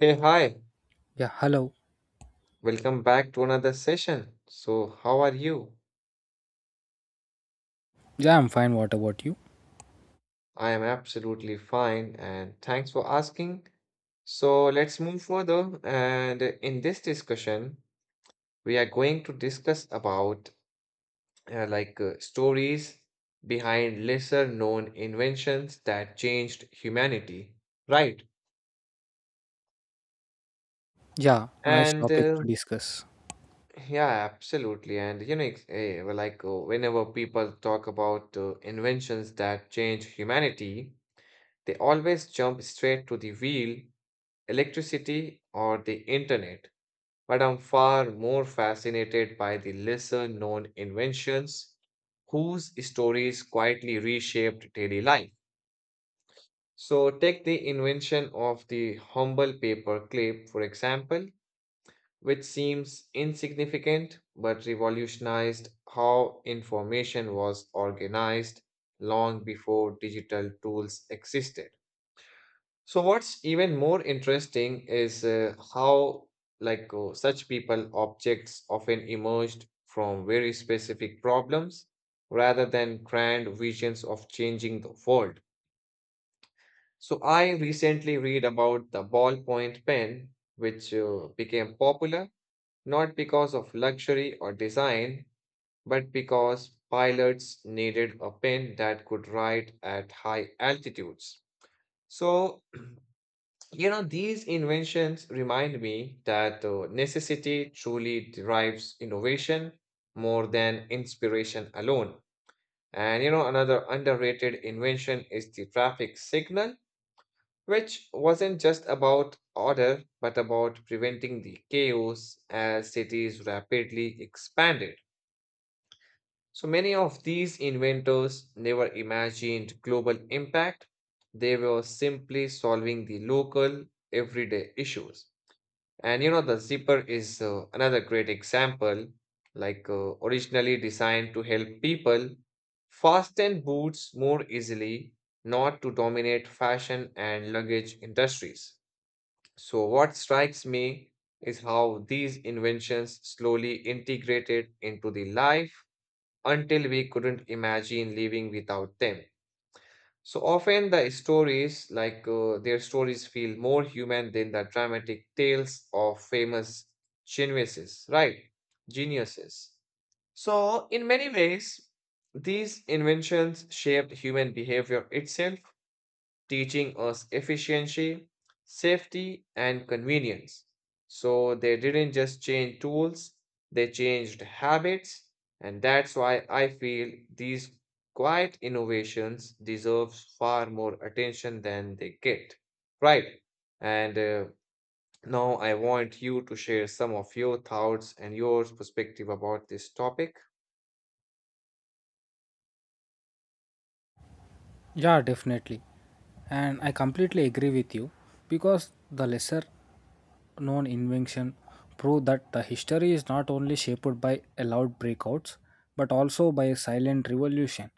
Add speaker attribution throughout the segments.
Speaker 1: Hey, hi,
Speaker 2: Yeah, hello.
Speaker 1: welcome back to another session. So, how are you?
Speaker 2: Yeah, I'm fine. What about you?
Speaker 1: I am absolutely fine and thanks for asking. So, let's move further. And in this discussion, we are going to discuss about stories behind lesser known inventions that changed humanity, right?
Speaker 2: Yeah, nice
Speaker 1: And
Speaker 2: topic
Speaker 1: uh,
Speaker 2: to discuss.
Speaker 1: yeah, absolutely. And you know, it's, eh, well, like whenever people talk about inventions that change humanity, they always jump straight to the wheel, electricity, or the internet. But I'm far more fascinated by the lesser known inventions whose stories quietly reshaped daily life. So, take the invention of the humble paper clip, for example, which seems insignificant but revolutionized how information was organized long before digital tools existed. So what's even more interesting is how such people objects often emerged from very specific problems rather than grand visions of changing the world. So I recently read about the ballpoint pen which became popular not because of luxury or design but because pilots needed a pen that could write at high altitudes. So you know, these inventions remind me that necessity truly derives innovation more than inspiration alone. And you know, another underrated invention is the traffic signal, which wasn't just about order, but about preventing the chaos as cities rapidly expanded. So many of these inventors never imagined global impact. They were simply solving the local, everyday issues. And you know, the zipper is another great example, originally designed to help people fasten boots more easily, not to dominate fashion and luggage industries. So, what strikes me is how these inventions slowly integrated into the life until we couldn't imagine living without them. So often the stories, their stories, feel more human than the dramatic tales of famous geniuses, right? Geniuses. So, in many ways, these inventions shaped human behavior itself, teaching us efficiency, safety, and convenience. So they didn't just change tools, they changed habits, and that's why I feel these quiet innovations deserves far more attention than they get. Right. And now I want you to share some of your thoughts and your perspective about this topic.
Speaker 2: Yeah, definitely. And I completely agree with you because the lesser known invention prove that the history is not only shaped by allowed breakouts but also by a silent revolution.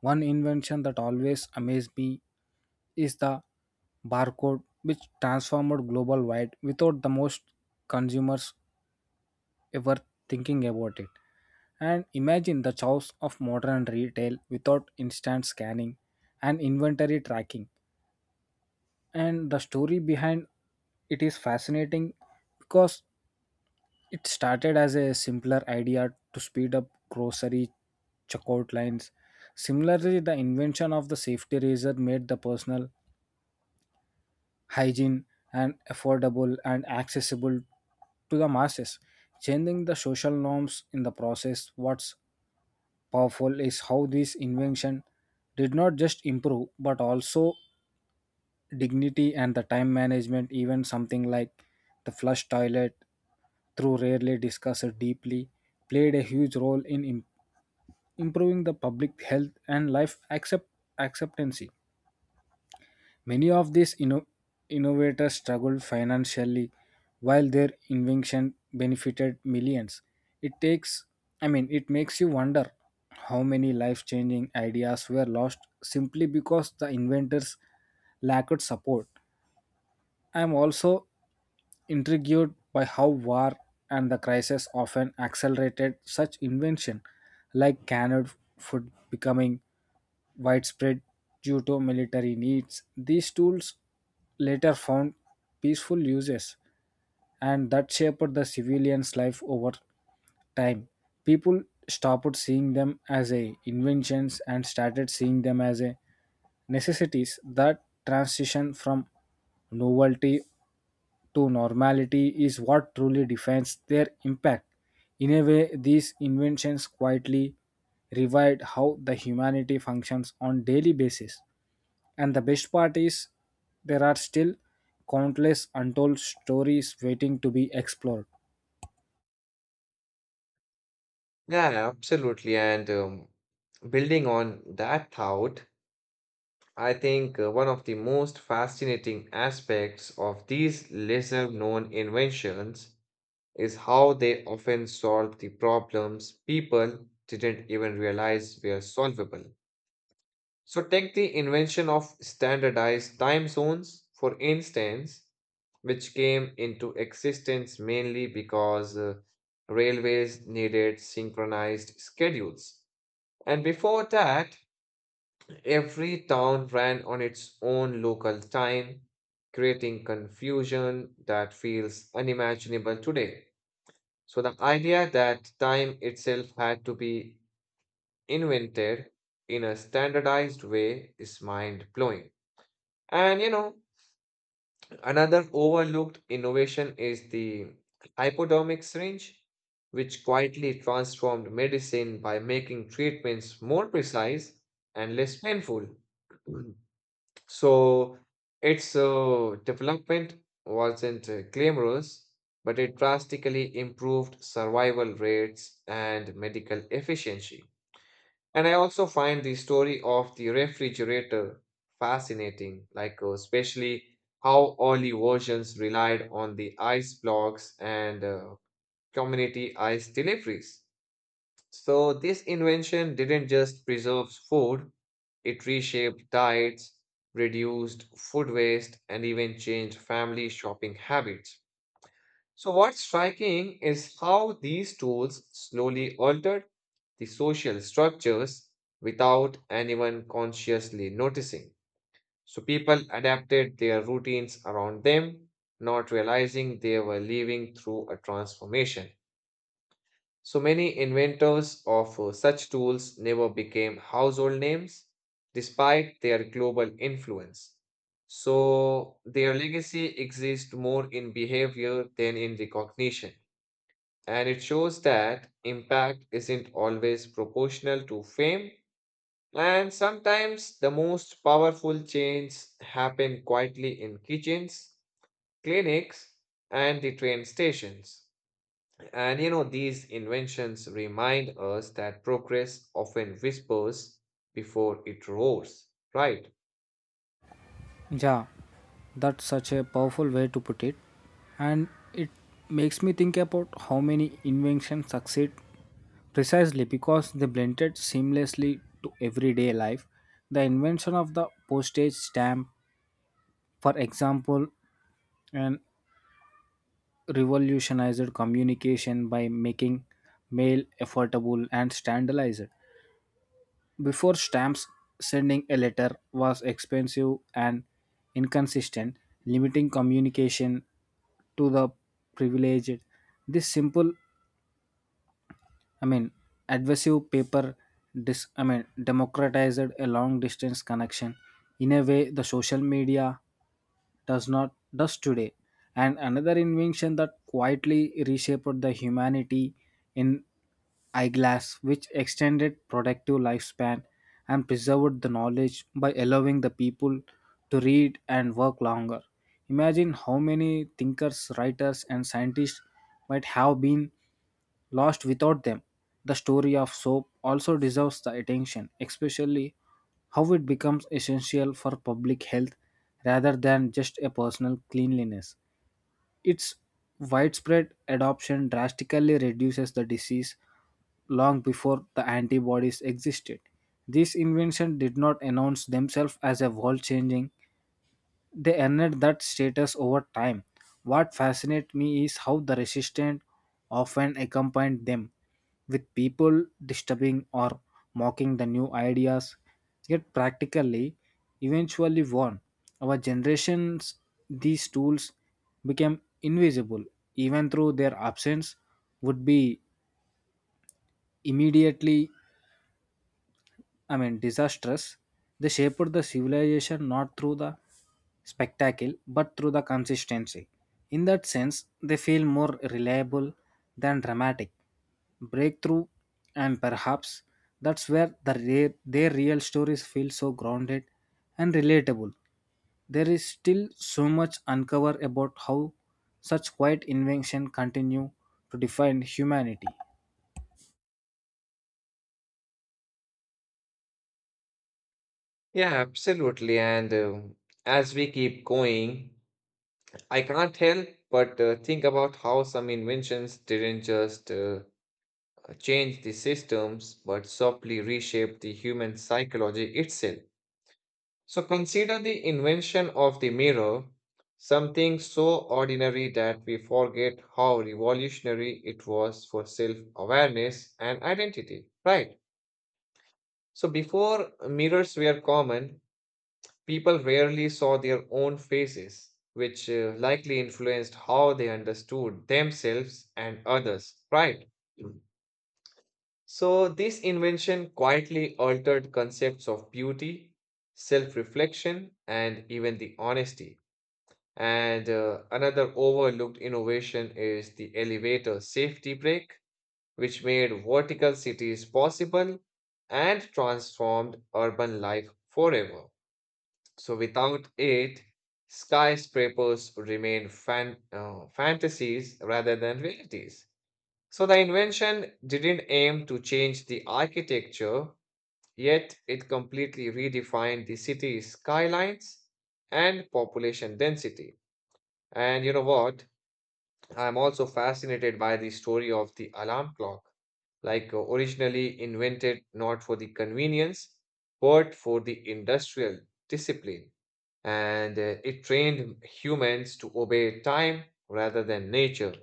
Speaker 2: One invention that always amazed me is the barcode which transformed global wide without the most consumers ever thinking about it. And imagine the chaos of modern retail without instant scanning and inventory tracking. And the story behind it is fascinating because it started as a simpler idea to speed up grocery checkout lines. Similarly, the invention of the safety razor made the personal hygiene and affordable and accessible to the masses, changing the social norms in the process. What's powerful is how this invention did not just improve but also dignity and the time management, even something like the flush toilet through rarely discussed deeply played a huge role in improving the public health and life acceptance. Many of these innovators struggled financially while their invention benefited millions. It takes, I mean, it makes you wonder how many life changing ideas were lost simply because the inventors lacked support. I am also intrigued by how war and the crisis often accelerated such invention, like canned food becoming widespread due to military needs. These tools later found peaceful uses and that shaped the civilian's life over time. People stopped seeing them as a inventions and started seeing them as a necessities. That transition from novelty to normality is what truly defines their impact. In a way, these inventions quietly revived how the humanity functions on daily basis. And the best part is there are still countless untold stories waiting to be explored.
Speaker 1: Yeah, absolutely. And building on that thought, I think one of the most fascinating aspects of these lesser known inventions is how they often solve the problems people didn't even realize were solvable. So, take the invention of standardized time zones, for instance, which came into existence mainly because railways needed synchronized schedules. And before that, every town ran on its own local time, creating confusion that feels unimaginable today. So, the idea that time itself had to be invented in a standardized way is mind blowing. And you know, another overlooked innovation is the hypodermic syringe, which quietly transformed medicine by making treatments more precise and less painful. So its development wasn't glamorous, but it drastically improved survival rates and medical efficiency. And I also find the story of the refrigerator fascinating, especially how early versions relied on the ice blocks and community ice deliveries. So, this invention didn't just preserve food, it reshaped diets, reduced food waste, and even changed family shopping habits. So, what's striking is how these tools slowly altered the social structures without anyone consciously noticing. So, people adapted their routines around them, not realizing they were living through a transformation. So many inventors of such tools never became household names despite their global influence. So their legacy exists more in behavior than in recognition. And it shows that impact isn't always proportional to fame. And sometimes the most powerful changes happen quietly in kitchens, clinics, and the train stations. And you know, these inventions remind us that progress often whispers before it roars, right?
Speaker 2: Yeah, that's such a powerful way to put it. And it makes me think about how many inventions succeed precisely because they blended seamlessly to everyday life. The invention of the postage stamp, for example, and revolutionized communication by making mail affordable and standardized. Before stamps, sending a letter was expensive and inconsistent, limiting communication to the privileged. This simple, I mean, adhesive paper, democratized a long distance connection. In a way, the social media does not does today, and another invention that quietly reshaped the humanity in eyeglass which extended productive lifespan and preserved the knowledge by allowing the people to read and work longer. Imagine how many thinkers, writers, and scientists might have been lost without them. The story of soap also deserves the attention, especially how it becomes essential for public health rather than just a personal cleanliness. Its widespread adoption drastically reduces the disease long before the antibodies existed. This invention did not announce themselves as a world changing, they earned that status over time. What fascinates me is how the resistance often accompanied them, with people disturbing or mocking the new ideas, yet practically eventually won. Our generations, these tools became invisible, even though their absence would be immediately disastrous. They shaped the civilization not through the spectacle but through the consistency. In that sense, they feel more reliable than dramatic breakthrough, and perhaps that's where their real stories feel so grounded and relatable. There is still so much uncovered about how such quiet invention continue to define humanity.
Speaker 1: Yeah, absolutely. And as we keep going, I can't help but think about how some inventions didn't just change the systems, but softly reshape the human psychology itself. So consider the invention of the mirror, something so ordinary that we forget how revolutionary it was for self awareness and identity, right? So before mirrors were common, people rarely saw their own faces, which likely influenced how they understood themselves and others, right? Mm. So this invention quietly altered concepts of beauty, self reflection, and even the honesty. And another overlooked innovation is the elevator safety brake, which made vertical cities possible and transformed urban life forever. So, without it, skyscrapers remain fantasies rather than realities. So, the invention didn't aim to change the architecture, yet, it completely redefined the city's skylines and population density. And you know what? I'm also fascinated by the story of the alarm clock, originally invented not for the convenience, but for the industrial discipline. And it trained humans to obey time rather than nature,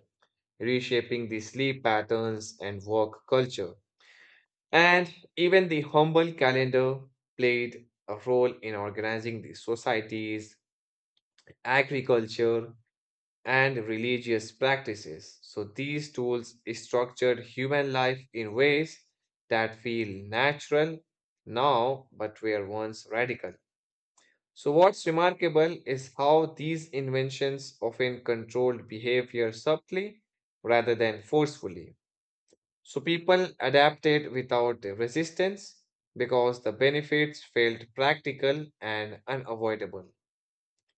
Speaker 1: reshaping the sleep patterns and work culture. And even the humble calendar played a role in organizing the societies, agriculture, and religious practices. So these tools structured human life in ways that feel natural now but were once radical. So what's remarkable is how these inventions often controlled behavior subtly rather than forcefully. So people adapted without resistance because the benefits felt practical and unavoidable.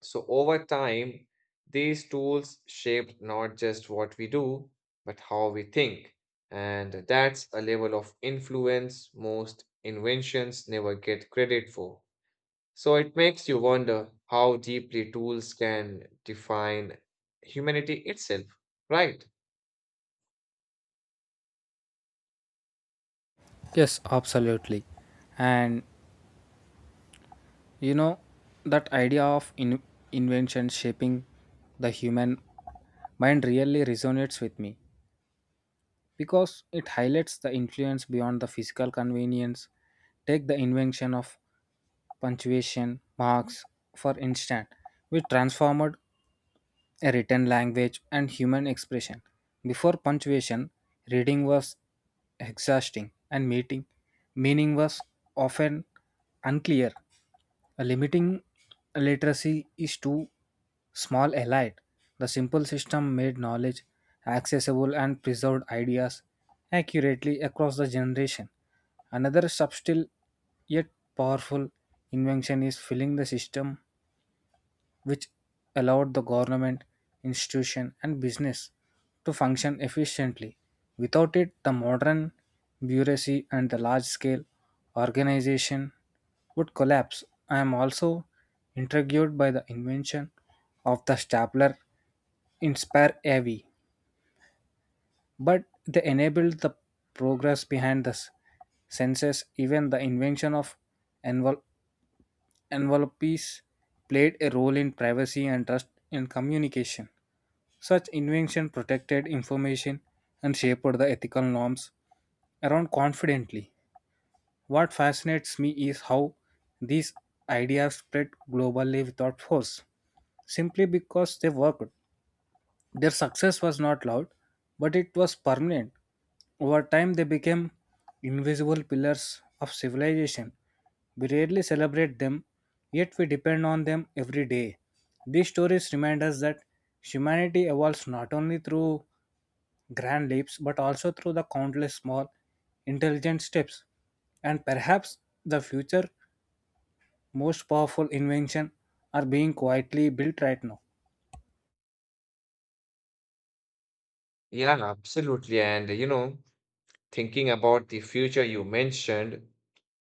Speaker 1: So over time, these tools shaped not just what we do, but how we think. And that's a level of influence most inventions never get credit for. So it makes you wonder how deeply tools can define humanity itself, right?
Speaker 2: Yes, absolutely. And you know, that idea of invention shaping the human mind really resonates with me because it highlights the influence beyond the physical convenience. Take the invention of punctuation marks, for instance, which transformed a written language, and human expression. Before punctuation, reading was exhausting and meeting meaning was often unclear. A limiting literacy is too small allied. The simple system made knowledge accessible and preserved ideas accurately across the generation. Another subtle yet powerful invention is filling the system which allowed the government, institution, and business to function efficiently. Without it, the modern bureaucracy and the large scale organization would collapse. I am also intrigued by the invention of the stapler Inspire AV, but they enabled the progress behind the census, even the invention of envel- envelopes played a role in privacy and trust in communication. Such invention protected information and shaped the ethical norms around confidently. What fascinates me is how these ideas spread globally without force, simply because they worked. Their success was not loud, but it was permanent. Over time, they became invisible pillars of civilization. We rarely celebrate them, yet we depend on them every day. These stories remind us that humanity evolves not only through grand leaps but also through the countless small, intelligent steps. And perhaps the future most powerful invention are being quietly built right now.
Speaker 1: Yeah, absolutely. And you know, thinking about the future you mentioned,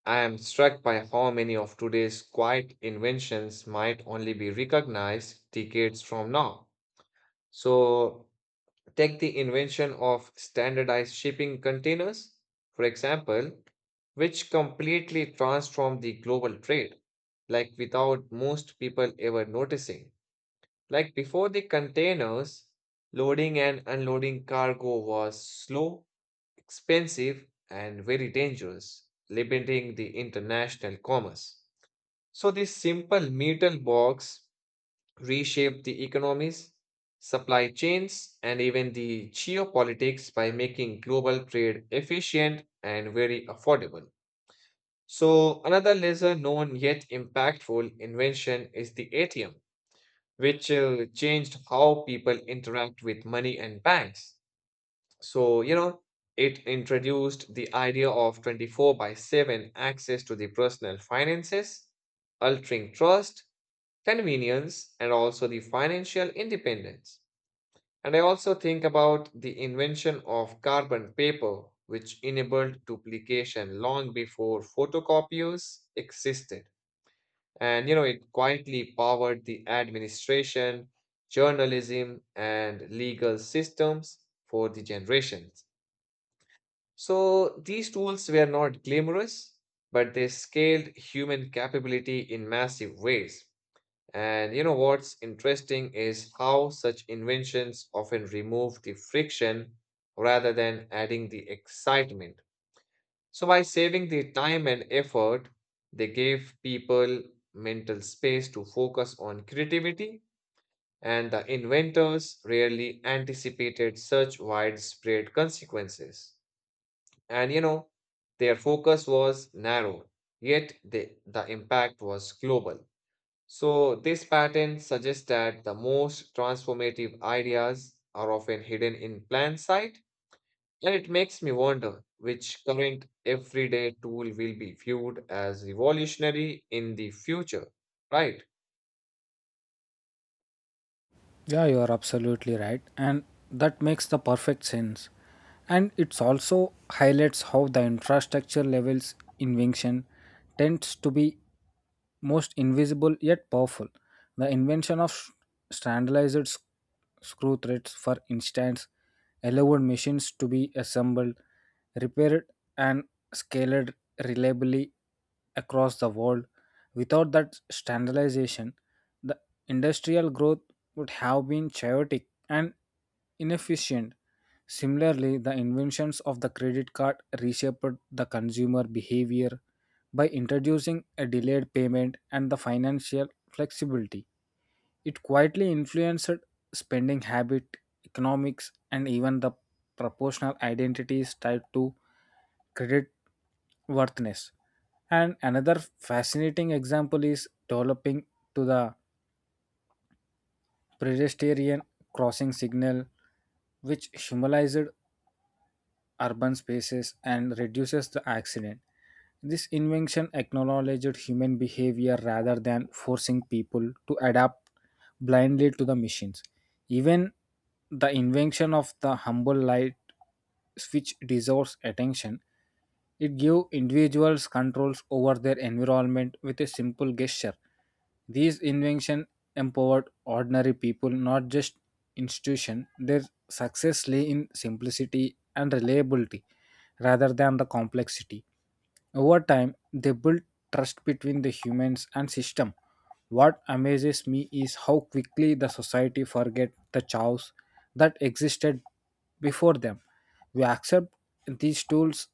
Speaker 1: I am struck by how many of today's quiet inventions might only be recognized decades from now. So, take the invention of standardized shipping containers, for example, which completely transformed the global trade, like without most people ever noticing. Like before the containers, loading and unloading cargo was slow, expensive and very dangerous, limiting the international commerce. So, this simple metal box reshaped the economies, supply chains, and even the geopolitics by making global trade efficient and very affordable. So, another lesser known yet impactful invention is the ATM, which changed how people interact with money and banks. So, you know, it introduced the idea of 24 by 7 access to the personal finances, altering trust, convenience, and also the financial independence. And I also think about the invention of carbon paper, which enabled duplication long before photocopiers existed. And, you know, it quietly powered the administration, journalism, and legal systems for the generations. So these tools were not glamorous, but they scaled human capability in massive ways. And you know what's interesting is how such inventions often remove the friction rather than adding the excitement. So by saving the time and effort, they gave people mental space to focus on creativity, and the inventors rarely anticipated such widespread consequences. And you know, their focus was narrow, yet the impact was global. So, this pattern suggests that the most transformative ideas are often hidden in plain sight, and it makes me wonder which current everyday tool will be viewed as revolutionary in the future, right?
Speaker 2: Yeah, you are absolutely right. And that makes the perfect sense. And it's also highlights how the infrastructure levels invention tends to be most invisible yet powerful. The invention of standardized screw threads, for instance, allowed machines to be assembled, repaired, and scaled reliably across the world. Without that standardization, the industrial growth would have been chaotic and inefficient. Similarly, the inventions of the credit card reshaped the consumer behavior by introducing a delayed payment and the financial flexibility. It quietly influenced spending habit, economics, and even the proportional identities tied to credit worthiness. And another fascinating example is developing to the pedestrian crossing signal which symbolized urban spaces and reduces the accident. This invention acknowledged human behavior rather than forcing people to adapt blindly to the machines. Even the invention of the humble light switch deserves attention. It gave individuals controls over their environment with a simple gesture. These inventions empowered ordinary people, not just institutions. Their success lay in simplicity and reliability rather than the complexity. Over time, they built trust between the humans and system. What amazes me is how quickly the society forget the chaos that existed before them. We accept these tools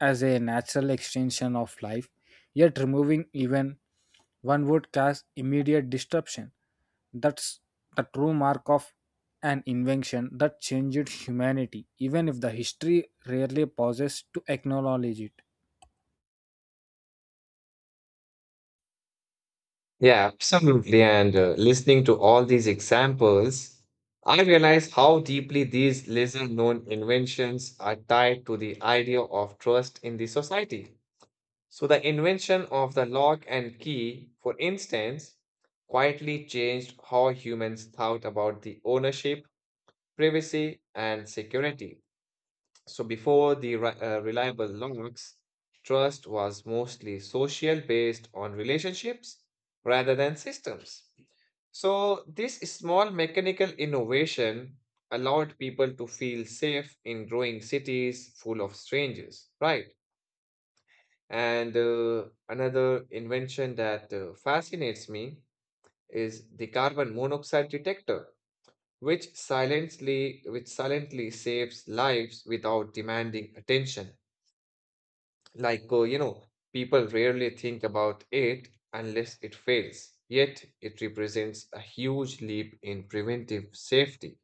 Speaker 2: as a natural extension of life, yet removing even one would cause immediate disruption. That's the true mark of an invention that changed humanity, even if the history rarely pauses to acknowledge it.
Speaker 1: Yeah, absolutely. And listening to all these examples, I realize how deeply these lesser known inventions are tied to the idea of trust in the society. So, the invention of the lock and key, for instance, quietly changed how humans thought about the ownership, privacy, and security. So, before the reliable locks, trust was mostly social based on relationships rather than systems. So, this small mechanical innovation allowed people to feel safe in growing cities full of strangers, right? And another invention that fascinates me is the carbon monoxide detector, which silently saves lives without demanding attention. You know, people rarely think about it unless it fails. Yet it represents a huge leap in preventive safety.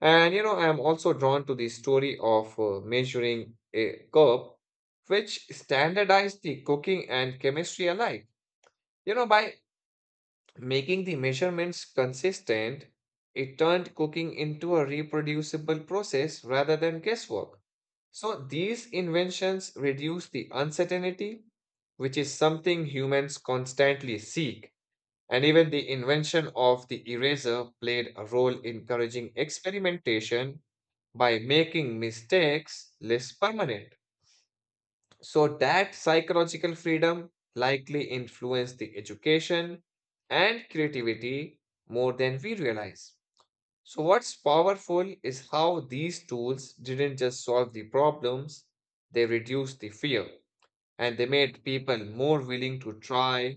Speaker 1: And you know, I'm also drawn to the story of measuring a cup, which standardized the cooking and chemistry alike. You know, by making the measurements consistent, it turned cooking into a reproducible process rather than guesswork. So these inventions reduce the uncertainty, which is something humans constantly seek. And even the invention of the eraser played a role in encouraging experimentation by making mistakes less permanent. So, that psychological freedom likely influenced the education and creativity more than we realize. So, what's powerful is how these tools didn't just solve the problems, they reduced the fear and they made people more willing to try,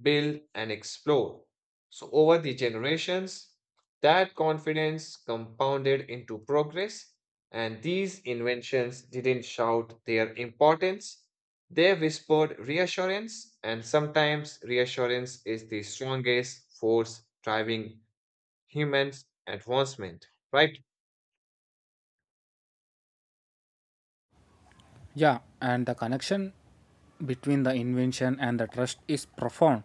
Speaker 1: build, and explore. So, over the generations, that confidence compounded into progress, and these inventions didn't shout their importance. They whispered reassurance, and sometimes reassurance is the strongest force driving human advancement, right?
Speaker 2: Yeah, and the connection between the invention and the trust is profound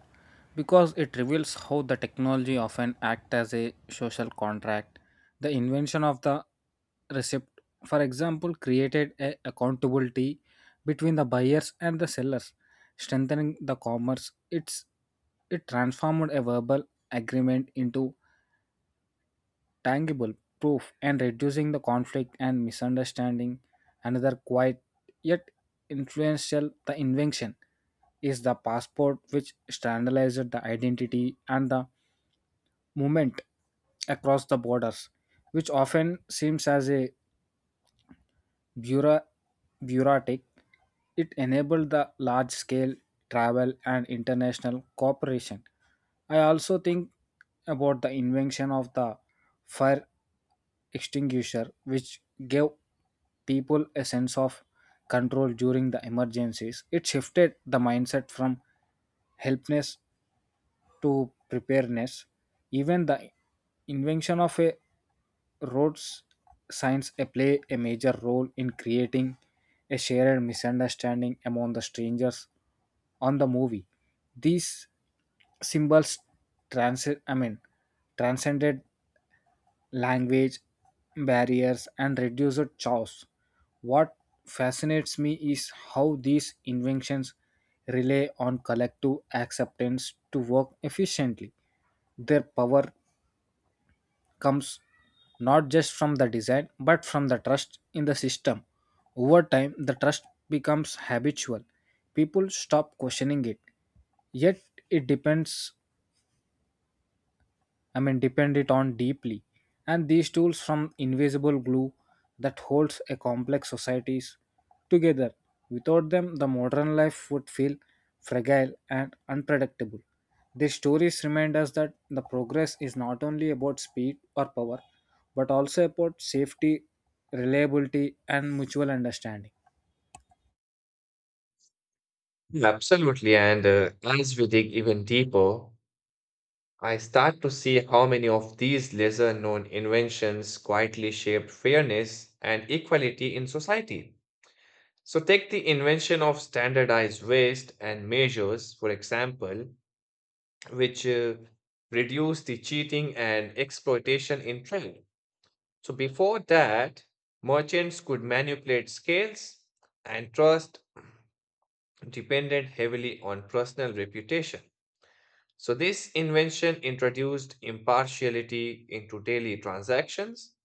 Speaker 2: because it reveals how the technology often acts as a social contract. The invention of the receipt, for example, created a accountability between the buyers and the sellers, strengthening the commerce. It transformed a verbal agreement into tangible proof and reducing the conflict and misunderstanding. Another quiet yet influential the invention is the passport which standardized the identity and the movement across the borders, which often seems as a bureau- bureaucratic. It enabled the large scale travel and international cooperation. I also think about the invention of the fire extinguisher, which gave people a sense of control during the emergencies. It shifted the mindset from helpness to preparedness. Even the invention of a road signs play a major role in creating a shared misunderstanding among the strangers on the movie. These symbols trans- I mean, transcended language barriers and reduced chaos. What fascinates me is how these inventions rely on collective acceptance to work efficiently. Their power comes not just from the design but from the trust in the system. Over time, the trust becomes habitual. People stop questioning it. Yet, it depended on deeply. And these tools from invisible glue that holds a complex societies together. Without them, the modern life would feel fragile and unpredictable. These stories remind us that the progress is not only about speed or power, but also about safety, reliability, and mutual understanding.
Speaker 1: Absolutely. And as we dig even deeper, I start to see how many of these lesser known inventions quietly shaped fairness and equality in society. So, take the invention of standardized weights and measures, for example, which reduce the cheating and exploitation in trade. So, before that, merchants could manipulate scales and trust depended heavily on personal reputation. So, this invention introduced impartiality into daily transactions.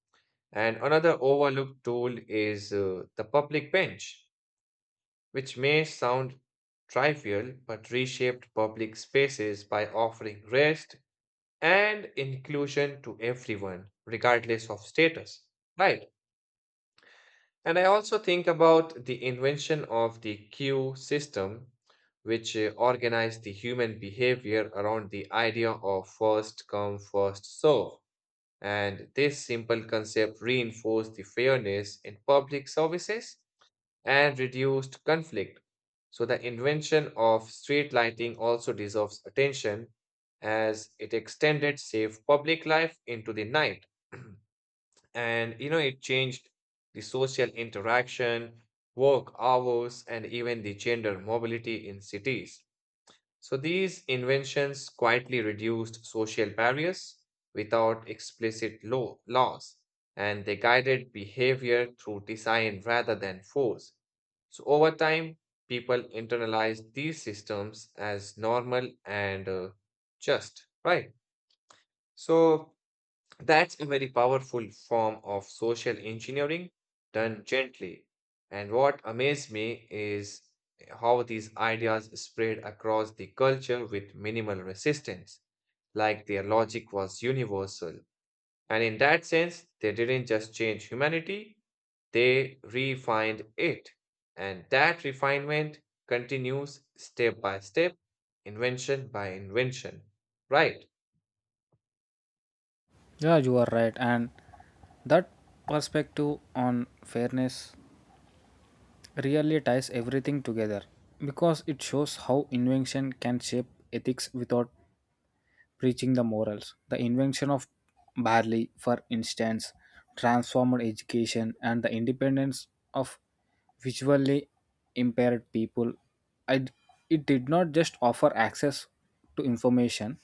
Speaker 1: And another overlooked tool is the public bench, which may sound trivial but reshaped public spaces by offering rest and inclusion to everyone, regardless of status. Right. And I also think about the invention of the queue system, which organized the human behavior around the idea of first come, first serve. And this simple concept reinforced the fairness in public services and reduced conflict. So, the invention of street lighting also deserves attention as it extended safe public life into the night. And you know, it changed the social interaction, work hours, and even the gender mobility in cities. So these inventions quietly reduced social barriers without explicit laws, and they guided behavior through design rather than force. So over time, people internalized these systems as normal and just, right? So that's a very powerful form of social engineering done gently. And what amazed me is how these ideas spread across the culture with minimal resistance, like their logic was universal. And in that sense, they didn't just change humanity, they refined it. And that refinement continues step by step, invention by invention. Right.
Speaker 2: Yeah, you are right. And that perspective on fairness really ties everything together because it shows how invention can shape ethics without preaching the morals. The invention of barley, for instance, transformed education and the independence of visually impaired people. I, it did not just offer access to information,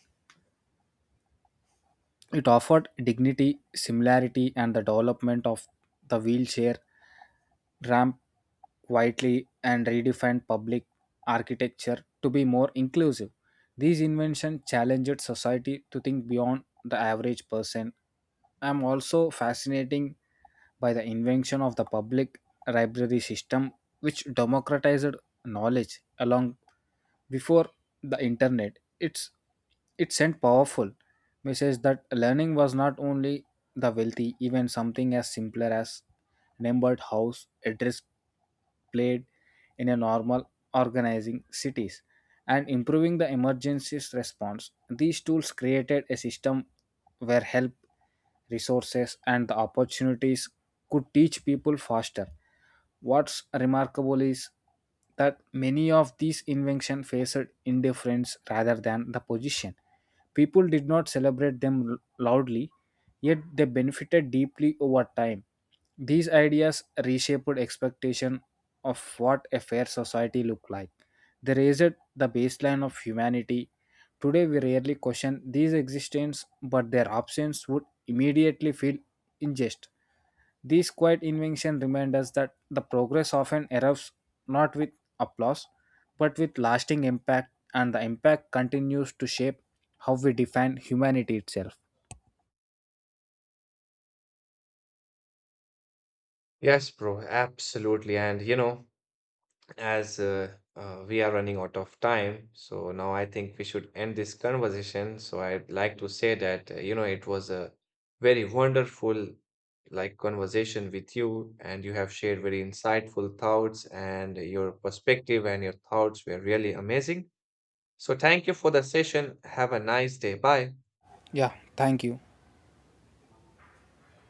Speaker 2: it offered dignity, similarity, and the development of the wheelchair ramp quietly and redefined public architecture to be more inclusive. These inventions challenged society to think beyond the average person. I'm also fascinated by the invention of the public library system, which democratized knowledge along before the internet. It sent powerful message that learning was not only the wealthy, even something as simpler as numbered house address played in a normal organizing cities and improving the emergencies response. These tools created a system where help, resources, and the opportunities could teach people faster. What's remarkable is that many of these inventions faced indifference rather than the position. People did not celebrate them loudly, yet they benefited deeply over time. These ideas reshaped expectation of what a fair society looked like. They raised the baseline of humanity. Today we rarely question these existence, but their absence would immediately feel unjust. These quiet inventions remind us that the progress often erupts not with applause, but with lasting impact, and the impact continues to shape how we define humanity itself.
Speaker 1: Yes, bro, absolutely. And you know, as we are running out of time, so now I think we should end this conversation. So I'd like to say that, you know, it was a very wonderful conversation with you, and you have shared very insightful thoughts and your perspective and your thoughts were really amazing. So thank you for the session. Have a nice day. Bye.
Speaker 2: Yeah, thank you.